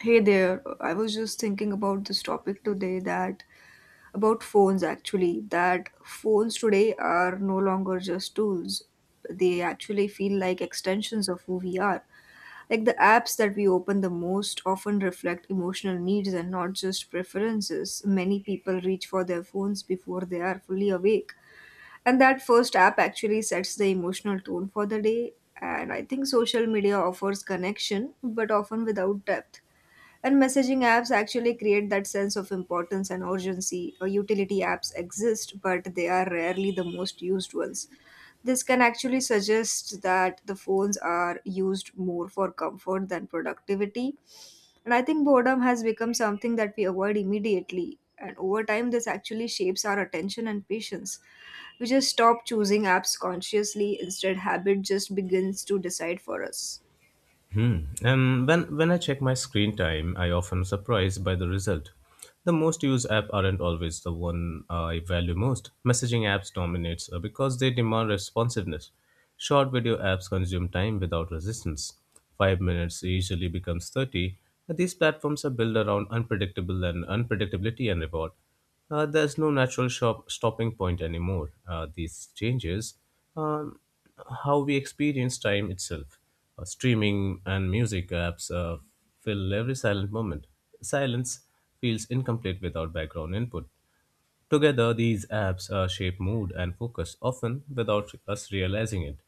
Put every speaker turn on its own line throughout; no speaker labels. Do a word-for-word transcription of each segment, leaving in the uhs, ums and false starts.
Hey there, I was just thinking about this topic today that about phones actually, that phones today are no longer just tools. They actually feel like extensions of who we are. Like the apps that we open the most often reflect emotional needs and not just preferences. Many people reach for their phones before they are fully awake. And that first app actually sets the emotional tone for the day. And I think social media offers connection, but often without depth and messaging apps actually create that sense of importance and urgency. Or utility apps exist, but they are rarely the most used ones. This can actually suggest that the phones are used more for comfort than productivity. And I think boredom has become something that we avoid immediately. And over time, this actually shapes our attention and patience. We just stop choosing apps consciously, instead, habit just begins to decide for us.
Hmm. And when, when I check my screen time, I often surprised by the result. The most used app aren't always the one I value most. Messaging apps dominates uh, because they demand responsiveness. Short video apps consume time without resistance. Five minutes usually becomes thirty. These platforms are built around unpredictable and unpredictability and reward. Uh, there's no natural shop stopping point anymore. Uh, these changes um, how we experience time itself. Uh, streaming and music apps uh, fill every silent moment. Silence feels incomplete without background input. Together, these apps uh, shape mood and focus, often without us realizing it.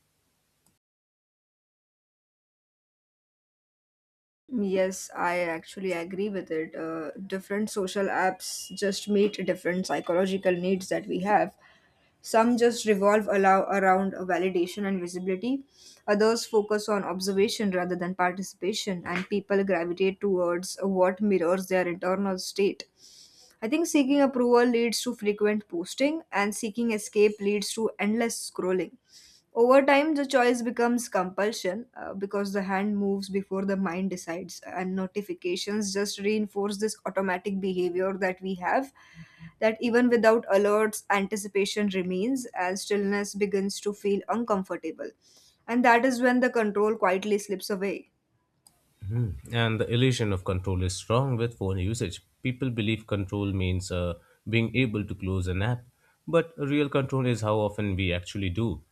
Yes, I actually agree with it. Uh, different social apps just meet different psychological needs that we have. Some just revolve allow around validation and visibility. Others focus on observation rather than participation, and people gravitate towards what mirrors their internal state. I think seeking approval leads to frequent posting, and seeking escape leads to endless scrolling. Over time, the choice becomes compulsion uh, because the hand moves before the mind decides, and notifications just reinforce this automatic behavior that we have. That even without alerts, anticipation remains, and stillness begins to feel uncomfortable. And that is when the control quietly slips away.
Mhm. And the illusion of control is strong with phone usage. People believe control means uh, being able to close an app, but real control is how often we actually do.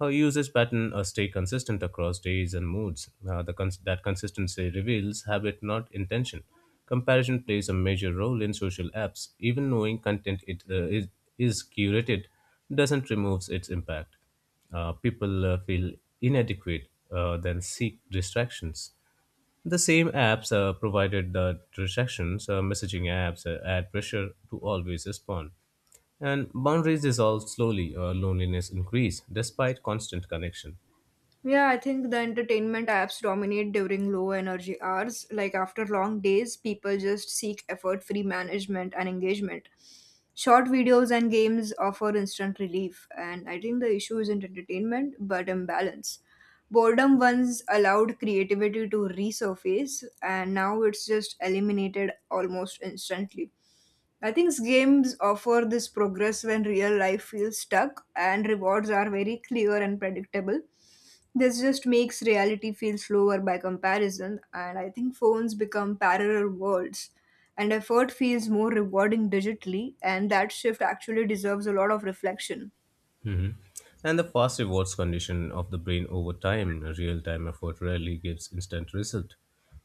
Our usage pattern uh, stay consistent across days and moods. Uh, the cons- that consistency reveals habit, not intention. Comparison plays a major role in social apps. Even knowing content it, uh, is, is curated doesn't remove its impact. Uh, people uh, feel inadequate, uh, then seek distractions. The same apps uh, provided the transactions. Uh, messaging apps uh, add pressure to always respond. And boundaries dissolve slowly. Uh, loneliness increase despite constant connection.
Yeah, I think the entertainment apps dominate during low energy hours. Like after long days, people just seek effort free management and engagement. Short videos and games offer instant relief, and I think the issue isn't entertainment but imbalance. Boredom once allowed creativity to resurface, and now it's just eliminated almost instantly. I think games offer this progress when real life feels stuck and rewards are very clear and predictable. This just makes reality feel slower by comparison, and I think phones become parallel worlds, and effort feels more rewarding digitally, and that shift actually deserves a lot of reflection.
Mhm. And the fast rewards condition of the brain over time, real time effort rarely gives instant result.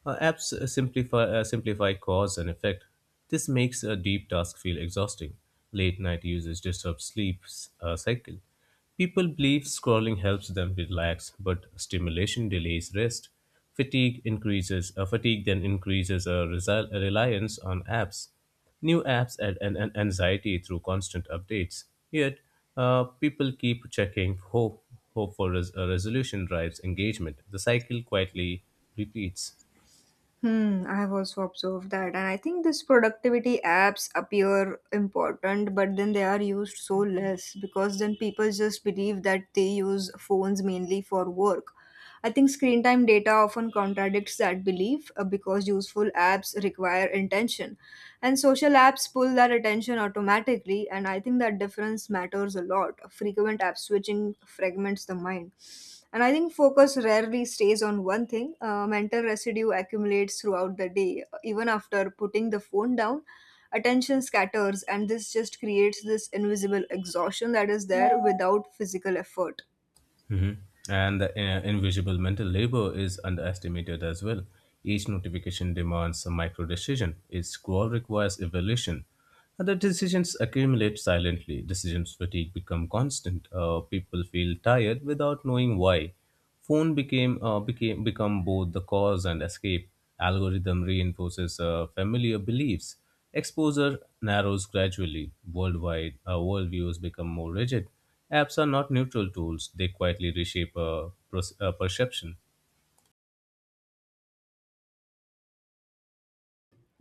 Uh, apps uh, simplify, uh, simplify cause and effect. This makes a deep task feel exhausting. Late night usage disrupts sleep uh, cycle. People believe scrolling helps them relax, but stimulation delays rest. Fatigue increases, uh, fatigue then increases a resi- a reliance on apps. New apps add an, an anxiety through constant updates. Yet, uh, people keep checking. Hope, hope for res- a resolution drives engagement. The cycle quietly repeats.
Hmm, I have also observed that, and I think these productivity apps appear important, but then they are used so less because then people just believe that they use phones mainly for work. I think screen time data often contradicts that belief uh, because useful apps require intention, and social apps pull that attention automatically, and I think that difference matters a lot. Frequent app switching fragments the mind. And I think focus rarely stays on one thing. Uh, mental residue accumulates throughout the day. Even after putting the phone down, attention scatters, and this just creates this invisible exhaustion that is there without physical effort.
Mhm. And the uh, invisible mental labor is underestimated as well. Each notification demands a micro decision. Each scroll requires evaluation. Other decisions accumulate silently. Decisions fatigue become constant. Uh, people feel tired without knowing why. Phone became uh, became become both the cause and escape. Algorithm reinforces uh, familiar beliefs. Exposure narrows gradually. Worldwide uh, worldviews become more rigid. Apps are not neutral tools; they quietly reshape uh, pros- uh, perception.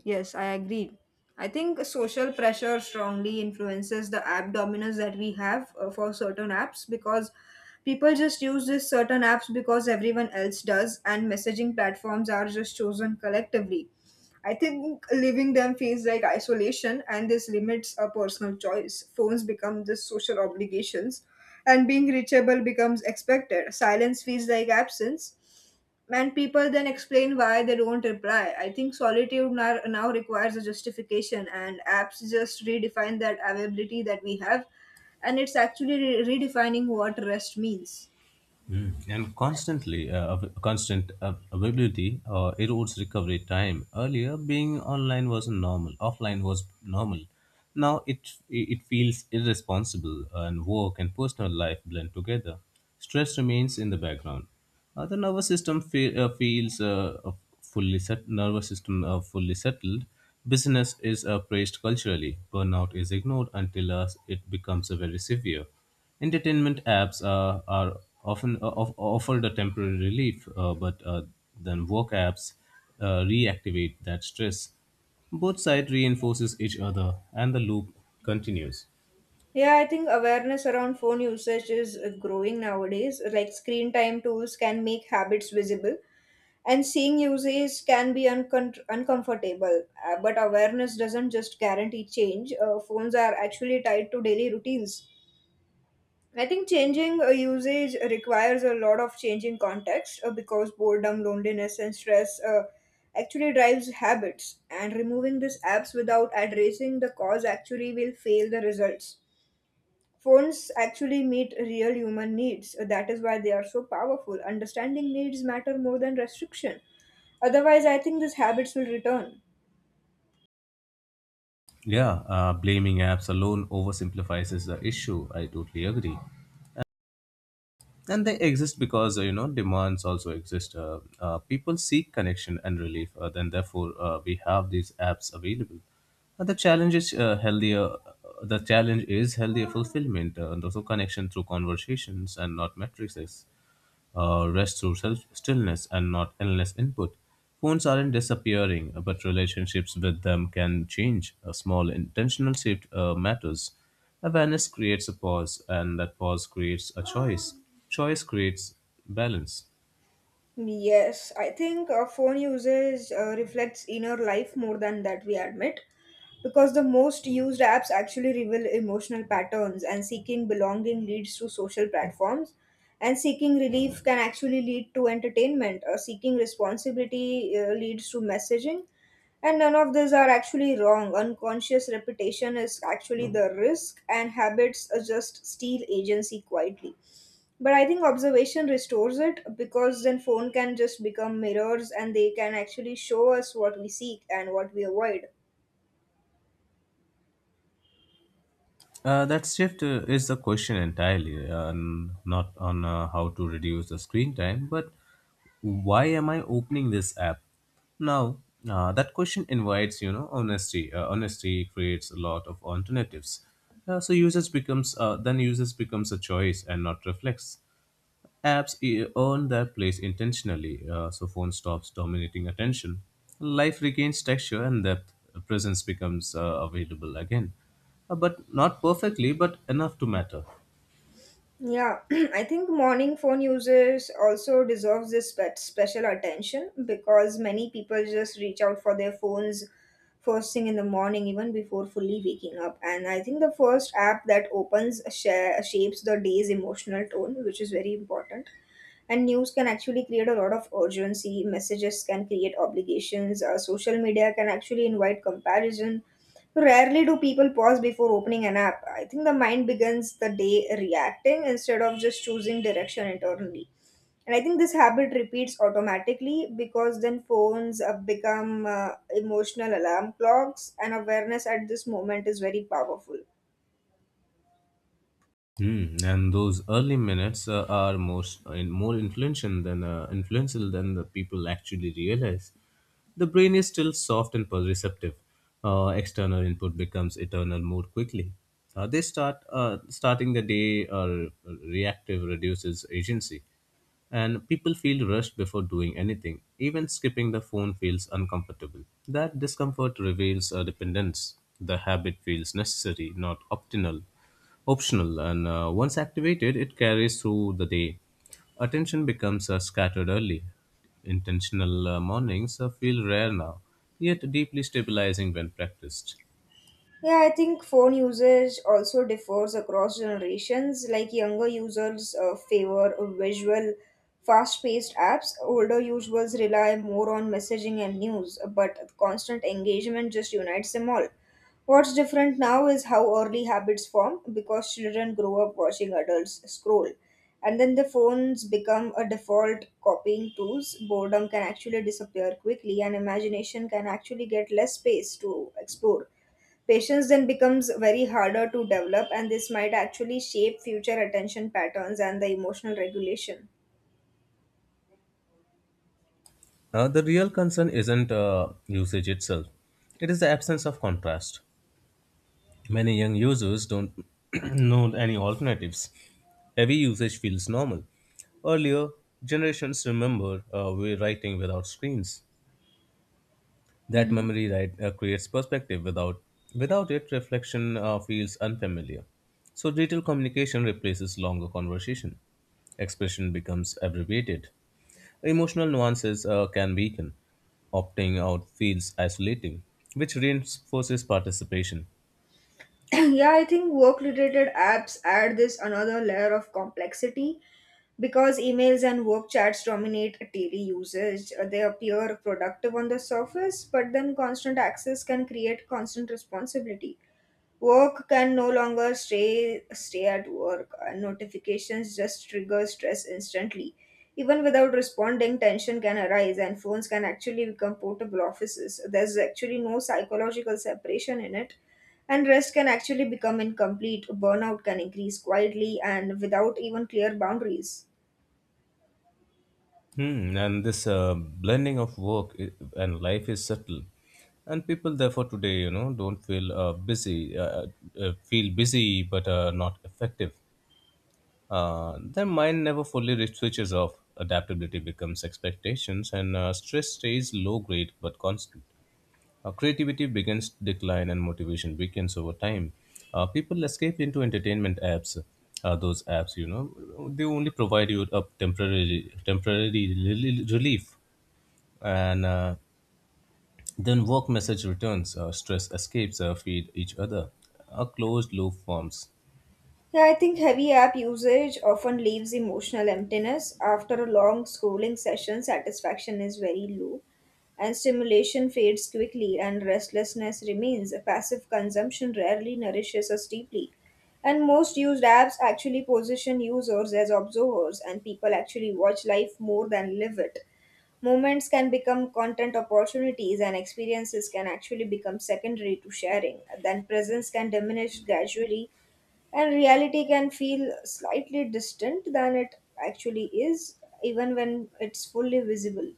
Yes, I agree. I think social pressure strongly influences the app dominance that we have uh, for certain apps because people just use this certain apps because everyone else does, and messaging platforms are just chosen collectively. I think leaving them feels like isolation, and this limits our personal choice. Phones become the social obligations, and being reachable becomes expected. Silence feels like absence, and people then explain why they don't reply. I think solitude now, now requires a justification, and apps just redefine that availability that we have, and it's actually re- redefining what rest means.
Mm. And constantly, uh, av- constant av- availability uh, erodes recovery time. Earlier, being online was normal. Offline was normal. Now it it feels irresponsible, uh, and work and personal life blend together. Stress remains in the background. Uh, the nervous system fe- uh, feels uh, uh, fully set- nervous system uh, fully settled. Business is uh, praised culturally. Burnout is ignored until uh, it becomes uh, very severe. Entertainment apps uh, are often uh, of- offered a temporary relief, uh, but uh, then work apps uh, reactivate that stress. Both sides reinforces each other, and the loop continues.
Yeah, I think awareness around phone usage is uh, growing nowadays. Like screen time tools can make habits visible, and seeing usage can be uncon- uncomfortable. Uh, but awareness doesn't just guarantee change. Uh, phones are actually tied to daily routines. I think changing a usage requires a lot of change in context uh, because boredom, loneliness, and stress uh, actually drives habits. And removing these apps without addressing the cause actually will fail the results. Phones actually meet real human needs. That is why they are so powerful. Understanding needs matter more than restriction. Otherwise, I think these habits will return.
Yeah, uh, blaming apps alone oversimplifies the issue. I totally agree. And they exist because uh, you know demands also exist. Uh, uh, people seek connection and relief, uh, then therefore uh, we have these apps available. And the challenge is uh, healthier the challenge is healthier fulfillment, uh, and also connection through conversations and not matrices, uh, rest through self stillness and not endless input. Phones aren't disappearing, uh, but relationships with them can change. A small intentional shift uh, matters. Awareness creates a pause, and that pause creates a choice. Choice creates balance.
Yes, I think uh, phone usage uh, reflects inner life more than that we admit, because the most used apps actually reveal emotional patterns, and seeking belonging leads to social platforms, and seeking relief can actually lead to entertainment, or seeking responsibility uh, leads to messaging, and none of these are actually wrong. Unconscious repetition is actually the risk, and habits uh, just steal agency quietly, but I think observation restores it because then phone can just become mirrors and they can actually show us what we seek and what we avoid.
Uh, that shift uh, is the question entirely, uh, n- not on uh, how to reduce the screen time, but why am I opening this app now. Uh, that question invites you know honesty uh, honesty creates a lot of alternatives. Uh, so users becomes uh, then users becomes a choice and not reflex. Apps e- earn their place intentionally, uh, so phone stops dominating attention. Life regains texture and depth. Presence becomes uh, available again. Uh, but not perfectly, but enough to matter.
Yeah, I think morning phone users also deserves this spe- special attention because many people just reach out for their phones first thing in the morning even before fully waking up. And I think the first app that opens share, shapes the day's emotional tone, which is very important. And news can actually create a lot of urgency, messages can create obligations, uh, social media can actually invite comparison. Rarely do people pause before opening an app. I think the mind begins the day reacting instead of just choosing direction internally. And I think this habit repeats automatically because then phones have become uh, emotional alarm clocks, and awareness at this moment is very powerful.
Mm, and those early minutes uh, are most uh, in more influential than uh, influential than the people actually realize. The brain is still soft and receptive. Uh, external input becomes eternal more quickly. Uh, they start uh, Starting the day uh, reactive reduces agency, and people feel rushed before doing anything. Even skipping the phone feels uncomfortable. That discomfort reveals a dependence. The habit feels necessary, not optional optional, and uh, once activated, it carries through the day. Attention becomes uh, scattered early. Intentional uh, mornings uh, feel rare now, yet deeply stabilizing when practiced.
Yeah, I think phone usage also differs across generations. Like younger users uh, favor visual, fast paced apps, older users rely more on messaging and news, but constant engagement just unites them all. What's different now is how early habits form because children grow up watching adults scroll. And then the phones become a default copying tools. Boredom can actually disappear quickly, and imagination can actually get less space to explore. Patience then becomes very harder to develop, and this might actually shape future attention patterns and the emotional regulation.
Uh, the real concern isn't uh, usage itself, it is the absence of contrast. Many young users don't know any alternatives. Heavy usage feels normal. Earlier, generations remember uh, we writing without screens. That
Mhm.
memory right uh, creates perspective. Without without it, reflection uh, feels unfamiliar. So digital communication replaces longer conversation. Expression becomes abbreviated. Emotional nuances uh, can weaken. Opting out feels isolating, which reinforces participation.
Yeah, I think work related apps add this another layer of complexity because emails and work chats dominate daily usage. Uh, They appear productive on the surface, but then constant access can create constant responsibility. Work can no longer stay stay at work. Uh, notifications just trigger stress instantly. Even without responding, tension can arise, and phones can actually become portable offices. There's actually no psychological separation in it, and rest can actually become incomplete. Burnout can increase quietly and without even clear boundaries.
Hmm, and this uh, blending of work i- and life is subtle. And people, therefore, today, you know, don't feel uh, busy, uh, uh, feel busy but uh, not effective. Uh, their mind never fully re- switches off. Adaptability becomes expectations, and uh, stress stays low grade but constant. Uh, creativity begins to decline, and motivation weakens over time. Uh, people escape into entertainment apps. Uh, those apps, you know, they only provide you a temporary temporary rel- relief, and uh, then work message returns. Uh, stress escapes uh, feed each other. A closed loop forms.
Yeah, I think heavy app usage often leaves emotional emptiness. After a long scrolling session, satisfaction is very low, and stimulation fades quickly, and restlessness remains. Passive consumption rarely nourishes us deeply. And most used apps actually position users as observers, and people actually watch life more than live it. Moments can become content opportunities, and experiences can actually become secondary to sharing. Then presence can diminish gradually and reality can feel slightly distant than it actually is, even when it's fully visible.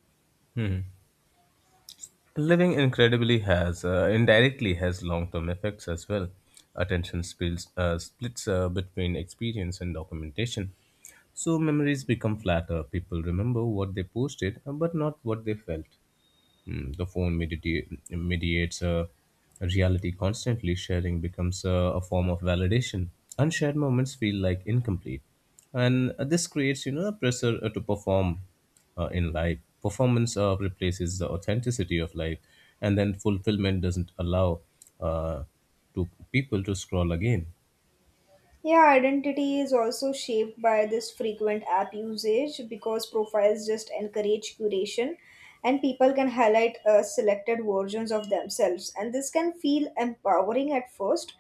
Living incredibly has uh, indirectly has long-term effects as well. Attention spills, uh, splits uh, between experience and documentation, so memories become flatter. People remember what they posted, uh, but not what they felt. Mm, the phone medita- mediates uh, reality constantly. Sharing becomes uh, a form of validation. Unshared moments feel like incomplete, and uh, this creates, you know, a pressure uh, to perform uh, in life. Performance uh, replaces the authenticity of life, and then fulfillment doesn't allow uh, to people to scroll again.
Yeah, identity is also shaped by this frequent app usage because profiles just encourage curation, and people can highlight uh, selected versions of themselves. And this can feel empowering at first,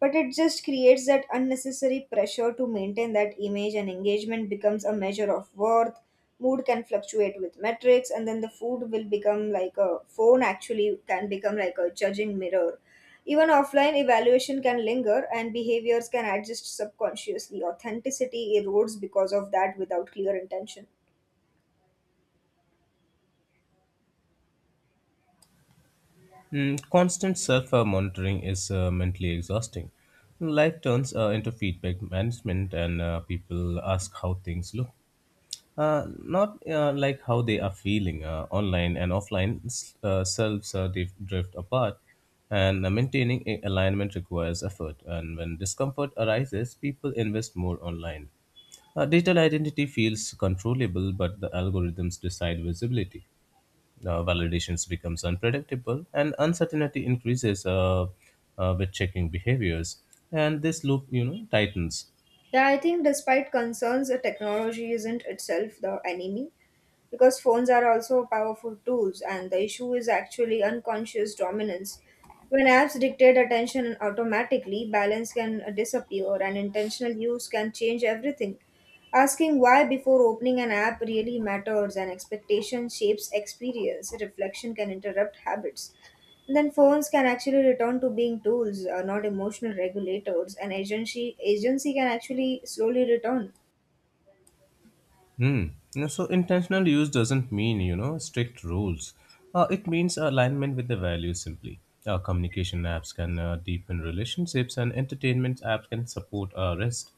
but it just creates that unnecessary pressure to maintain that image, and engagement becomes a measure of worth. Mood can fluctuate with metrics, and then the food will become like a phone actually can become like a judging mirror. Even offline evaluation can linger, and behaviors can adjust subconsciously. Authenticity erodes because of that without clear intention.
Mm, constant self uh, monitoring is uh, mentally exhausting. Life turns uh, into feedback management, and uh, people ask how things look. Uh, not uh, like how they are feeling. Uh, online and offline s- uh, selves uh, dif- drift apart, and uh, maintaining a- alignment requires effort. And when discomfort arises, people invest more online. Uh, digital identity feels controllable, but the algorithms decide visibility. Uh, validations becomes unpredictable, and uncertainty increases uh, uh, with checking behaviors, and this loop you know tightens.
Yeah, I think despite concerns the technology isn't itself the enemy, because phones are also powerful tools and the issue is actually unconscious dominance. When apps dictate attention automatically, balance can uh, disappear, and intentional use can change everything. Asking why before opening an app really matters, and expectation shapes experience. Reflection can interrupt habits, and then phones can actually return to being tools, uh, not emotional regulators, and agency agency can actually slowly return.
Hmm. And so intentional use doesn't mean you know strict rules. Uh, it means alignment with the values simply. Uh, communication apps can uh, deepen relationships, and entertainment apps can support uh, rest.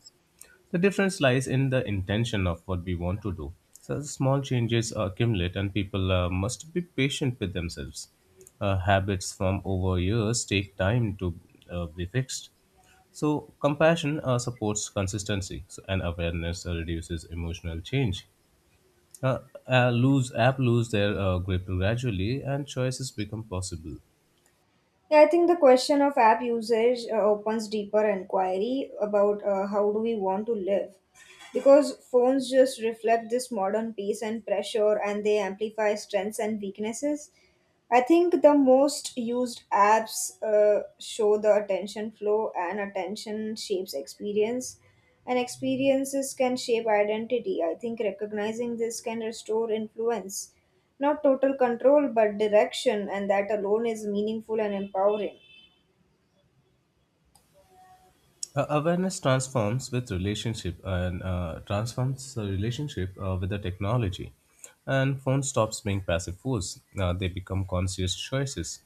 The difference lies in the intention of what we want to do. So small changes accumulate, and people uh, must be patient with themselves. Uh, habits formed over years take time to uh, be fixed. So compassion uh, supports consistency, so- and awareness uh, reduces emotional change. Uh, uh, Lose app lose their uh, grip gradually, and choices become possible.
Yeah, I think the question of app usage uh, opens deeper inquiry about uh, how do we want to live. Because phones just reflect this modern pace and pressure and they amplify strengths and weaknesses. I think the most used apps uh, show the attention flow, and attention shapes experience, and experiences can shape identity. I think recognizing this can restore influence, not total control, but direction, and that alone is meaningful and empowering.
Uh, awareness transforms with relationship, and uh, transforms the relationship uh, with the technology, and phone stops being passive force. Uh, they become conscious choices.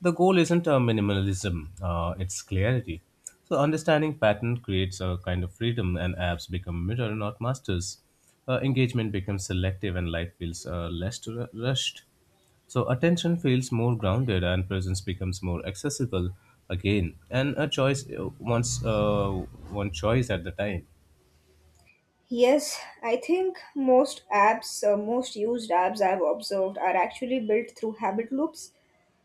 The goal isn't a minimalism, uh, it's clarity. So understanding pattern creates a kind of freedom, and apps become mirror, not masters. Uh, engagement becomes selective, and life feels uh, less ru- rushed. So attention feels more grounded, and presence becomes more accessible again. And a choice, uh, once uh, one choice at the time.
Yes, I think most apps, uh, most used apps I've observed are actually built through habit loops.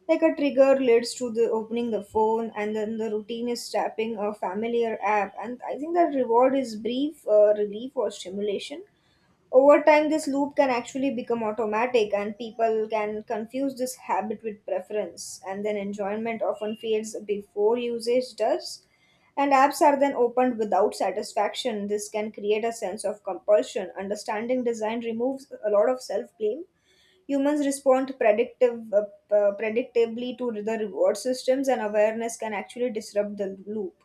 Like a trigger leads to the opening the phone, and then the routine is tapping a familiar app. And I think that reward is brief uh, relief or stimulation. Over time, this loop can actually become automatic, and people can confuse this habit with preference, and then enjoyment often fades before usage does. And apps are then opened without satisfaction. This can create a sense of compulsion. Understanding design removes a lot of self blame. Humans respond predictive, uh, uh, predictably to the reward systems, and awareness can actually disrupt the loop.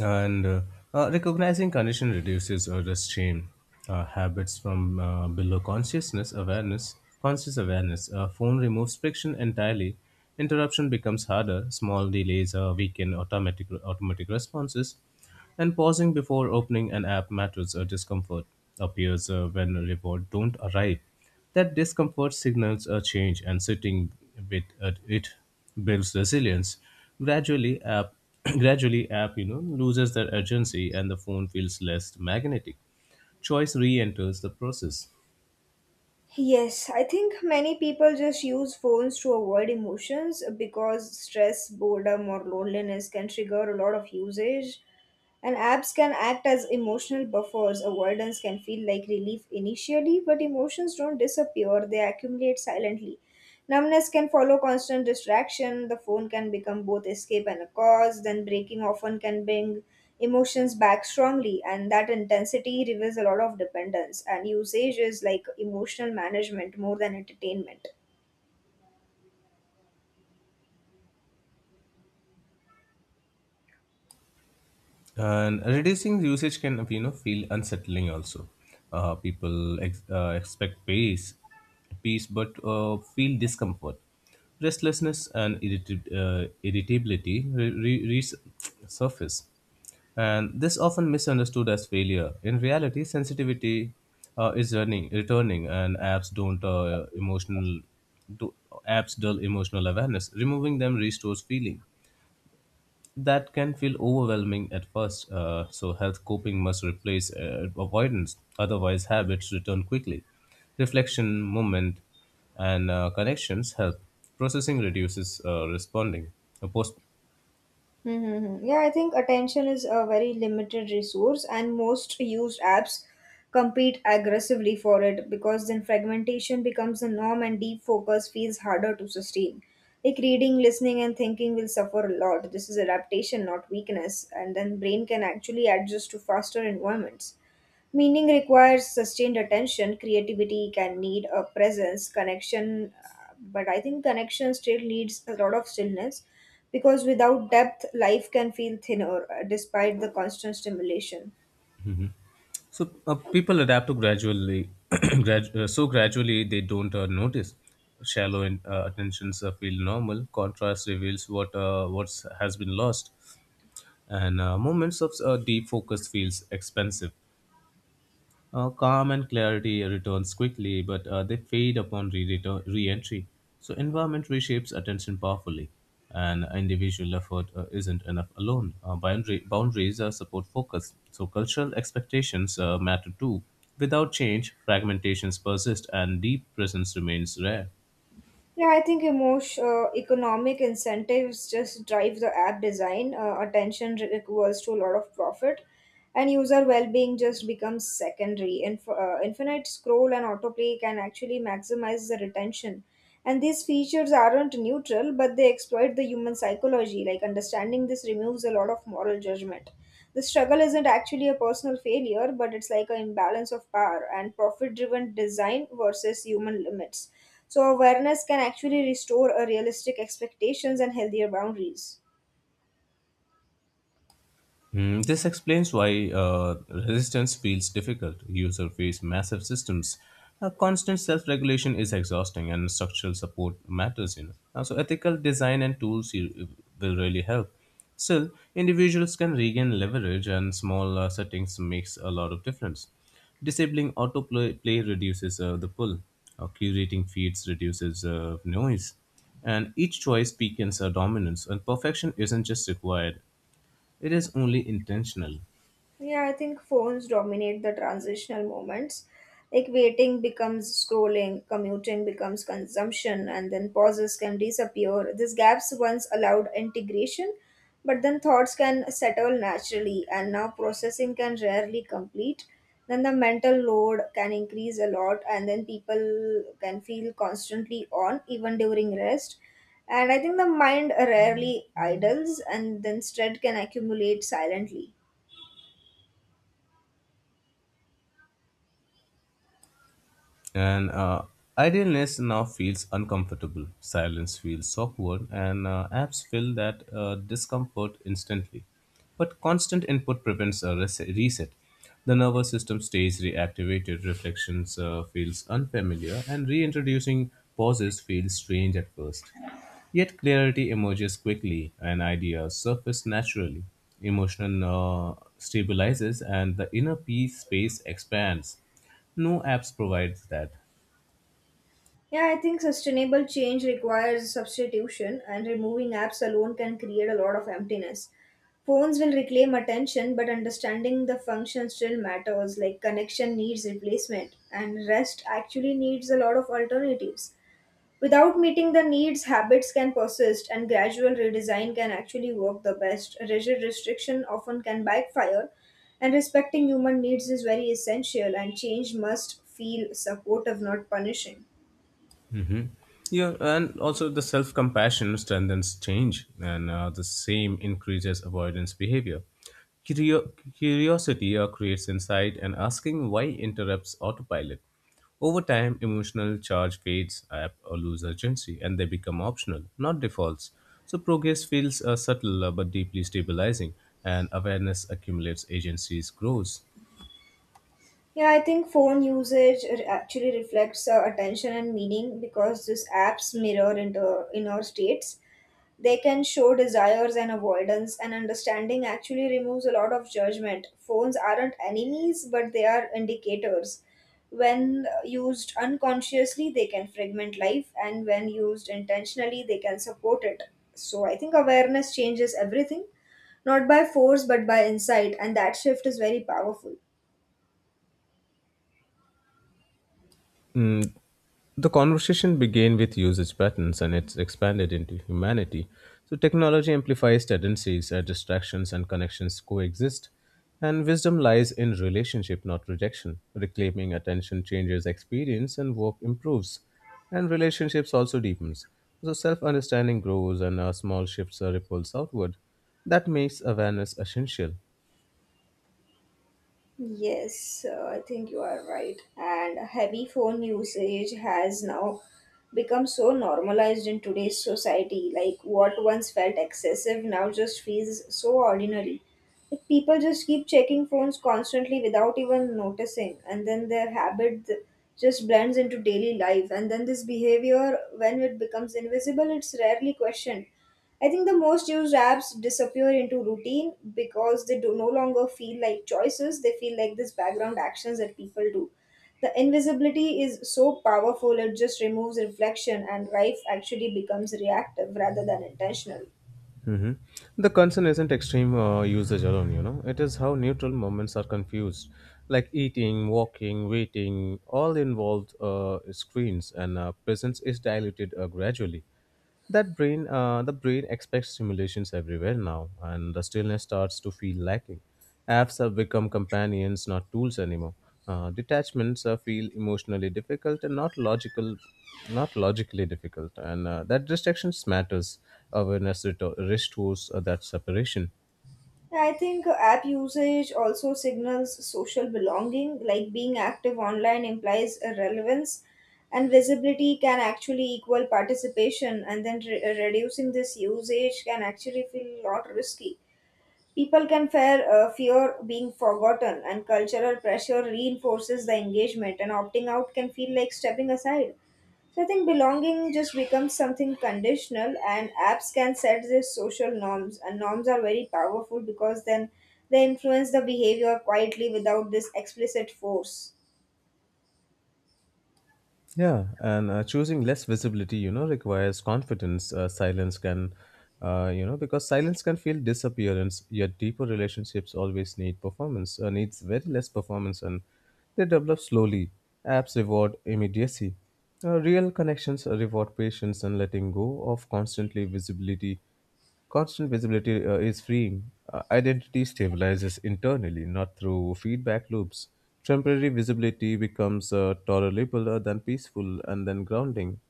And uh, uh, Recognizing condition reduces uh, the shame. Uh, habits from uh, below consciousness awareness conscious awareness. Uh, phone removes friction entirely. Interruption becomes harder. Small delays uh, weaken automatic automatic responses, and pausing before opening an app matters. A discomfort appears uh, when a reward don't arrive. That discomfort signals a change, and sitting with uh, it builds resilience. Gradually, app gradually app you know loses their urgency, and the phone feels less magnetic. Choice re-enters the process.
Yes, I think many people just use phones to avoid emotions because stress, boredom, or loneliness can trigger a lot of usage. And apps can act as emotional buffers. Avoidance can feel like relief initially, but emotions don't disappear, they accumulate silently. Numbness can follow constant distraction. The phone can become both escape and a cause. Then breaking often can bring emotions back strongly, and that intensity reveals a lot of dependence. And usage is like emotional management more than entertainment.
And reducing usage can you know feel unsettling also. Uh, people ex- uh, expect peace, peace, but uh, feel discomfort, restlessness, and irritab- uh, irritability re- re- re- surface, and this often misunderstood as failure. In reality, sensitivity uh, is running returning, and apps don't uh, emotional do apps dull emotional awareness. Removing them restores feeling that can feel overwhelming at first. Uh, so, health coping must replace uh, avoidance, otherwise, habits return quickly. Reflection, movement, and uh, connections help. Processing reduces uh, responding. A post-
Mm-hmm. Yeah, I think attention is a very limited resource, and most used apps compete aggressively for it because then fragmentation becomes the norm and deep focus feels harder to sustain. Like reading, listening, and thinking will suffer a lot. This is adaptation, not weakness, and then brain can actually adjust to faster environments. Meaning requires sustained attention. Creativity can need a presence, connection, uh, but I think connection still needs a lot of stillness because without depth, life can feel thinner uh, despite the constant stimulation.
so, uh, people adapt to gradually, grad- uh, so gradually they don't uh, notice. Shallow in, uh, attentions uh, feel normal. Contrast reveals what uh, what's has been lost, and uh, moments of uh, deep focus feels expensive. Uh, calm and clarity returns quickly, but uh, they fade upon re entry. So environment reshapes attention powerfully, and individual effort uh, isn't enough alone. Uh, boundary, boundaries are support focus, so cultural expectations uh, matter too. Without change, fragmentations persist, and deep presence remains rare.
Yeah, I think emotion, uh, economic incentives just drive the app design. Uh, attention re- equals to a lot of profit, and user well-being just becomes secondary. Inf- uh, infinite scroll and autoplay can actually maximize the retention. And these features aren't neutral, but they exploit the human psychology. Like understanding this removes a lot of moral judgment. The struggle isn't actually a personal failure, but it's like an imbalance of power and profit-driven design versus human limits, so awareness can actually restore a realistic expectations and healthier boundaries.
Mm, this explains why uh, resistance feels difficult. Users face massive systems. Uh, constant self-regulation is exhausting, and structural support matters. You know, Uh, so ethical design and tools you- will really help. Still, individuals can regain leverage, and small uh, settings makes a lot of difference. Disabling autoplay play reduces uh, the pull. Uh, curating feeds reduces uh, noise, and each choice weakens our dominance. And perfection isn't just required; it is only intentional.
Yeah, I think phones dominate the transitional moments. Like waiting becomes scrolling, commuting becomes consumption, and then pauses can disappear. These gaps once allowed integration, but then thoughts can settle naturally, and now processing can rarely complete. Then the mental load can increase a lot, and then people can feel constantly on, even during rest. And I think the mind rarely idles, and then stress can accumulate silently.
And uh, idleness now feels uncomfortable. Silence feels awkward, and uh, apps feel that uh, discomfort instantly. But constant input prevents a res- reset. The nervous system stays reactivated, reflections uh, feels unfamiliar, and reintroducing pauses feels strange at first. Yet clarity emerges quickly, and ideas surface naturally. Emotion uh, stabilizes, and the inner peace space expands. No apps provides that.
Yeah, I think sustainable change requires substitution, and removing apps alone can create a lot of emptiness. Phones will reclaim attention, but understanding the function still matters, like connection needs replacement, and rest actually needs a lot of alternatives. Without meeting the needs, habits can persist, and gradual redesign can actually work the best. Rigid restriction often can backfire, and respecting human needs is very essential, and change must feel supportive, not punishing.
Hmm. Yeah, and also the self compassion strengthens change, and uh, the same increases avoidance behavior. Curio- curiosity uh, creates insight, and asking why interrupts autopilot. Over time, emotional charge fades up or lose urgency, and they become optional, not defaults. So progress feels uh, subtle uh, but deeply stabilizing, and awareness accumulates, agencies grows.
Yeah, I think phone usage r- actually reflects uh, attention and meaning because these apps mirror into inner states. They can show desires and avoidance, and understanding actually removes a lot of judgment. Phones aren't enemies, but they are indicators. When uh, used unconsciously, they can fragment life, and when used intentionally, they can support it. So I think awareness changes everything, not by force, but by insight, and that shift is very powerful.
Mm, the conversation began with usage patterns, and it's expanded into humanity. So technology amplifies tendencies, uh, distractions, and connections coexist. And wisdom lies in relationship, not rejection. Reclaiming attention changes experience, and work improves. And relationships also deepens. So self understanding grows, and uh, small shifts are ripples outward. That makes awareness essential.
Yes, uh, I think you are right. And heavy phone usage has now become so normalized in today's society. Like what once felt excessive now just feels so ordinary. Like people just keep checking phones constantly without even noticing, and then their habit th- just blends into daily life. And then this behavior, when it becomes invisible, it's rarely questioned. I think the most used apps disappear into routine because they do no longer feel like choices. They feel like this background actions that people do. The invisibility is so powerful, it just removes reflection, and life actually becomes reactive rather than intentional.
Hmm. The concern isn't extreme uh, usage alone, you know. It is how neutral moments are confused, like eating, walking, waiting, all involved uh, screens, and uh, presence is diluted uh, gradually. That brain uh, the brain expects simulations everywhere now, and the stillness starts to feel lacking. Apps have become companions, not tools anymore. Uh, detachments uh, feel emotionally difficult and not logical not logically difficult, and uh, that distractions matters. Awareness reto- restores uh, that separation.
I think app usage also signals social belonging, like being active online implies a relevance, and visibility can actually equal participation, and then re- reducing this usage can actually feel a lot risky. People can fear, uh, fear being forgotten, and cultural pressure reinforces the engagement, and opting out can feel like stepping aside. So I think belonging just becomes something conditional, and apps can set these social norms, and norms are very powerful because then they influence the behavior quietly without this explicit force.
Yeah, and uh, choosing less visibility, you know, requires confidence. Uh, silence can, uh, you know, because silence can feel disappearance. Yet deeper relationships always need performance. Uh, needs very less performance, and they develop slowly. Apps reward immediacy. Uh, real connections reward patience and letting go of constantly visibility. Constant visibility uh, is freeing. Uh, identity stabilizes internally, not through feedback loops. Temporary visibility becomes uh, tolerable uh, than peaceful and then grounding.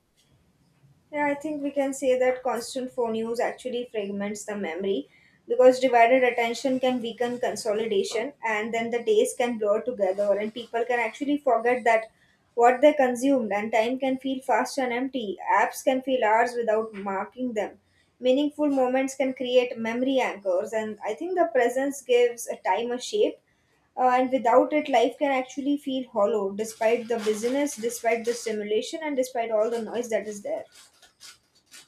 Yeah, I think we can say that constant phone use actually fragments the memory because divided attention can weaken consolidation and then the days can blur together and people can actually forget that what they consumed and time can feel fast and empty. Apps can feel hours without marking them. Meaningful moments can create memory anchors, and I think the presence gives a time a shape uh, and without it life can actually feel hollow despite the busyness, despite the stimulation and despite all the noise that is there.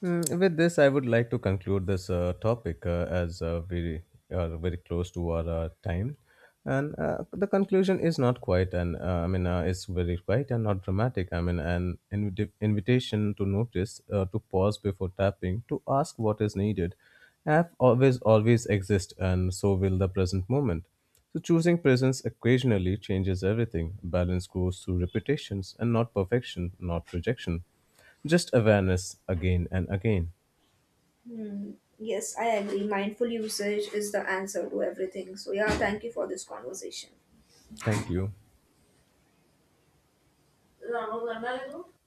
Mm, with this, I would like to conclude this uh, topic uh, as uh, we are very close to our uh, time. And uh, the conclusion is not quite, and uh, I mean, uh, it's very quiet and not dramatic. I mean, an invita- invitation to notice, uh, to pause before tapping, to ask what is needed, have always, always exist, and so will the present moment. So choosing presence occasionally changes everything. Balance grows through repetitions, and not perfection, not rejection. Just awareness again and again.
Hmm. Yes, I agree. Mindful usage is the answer to everything. So, yeah, thank you for this conversation.
Thank you.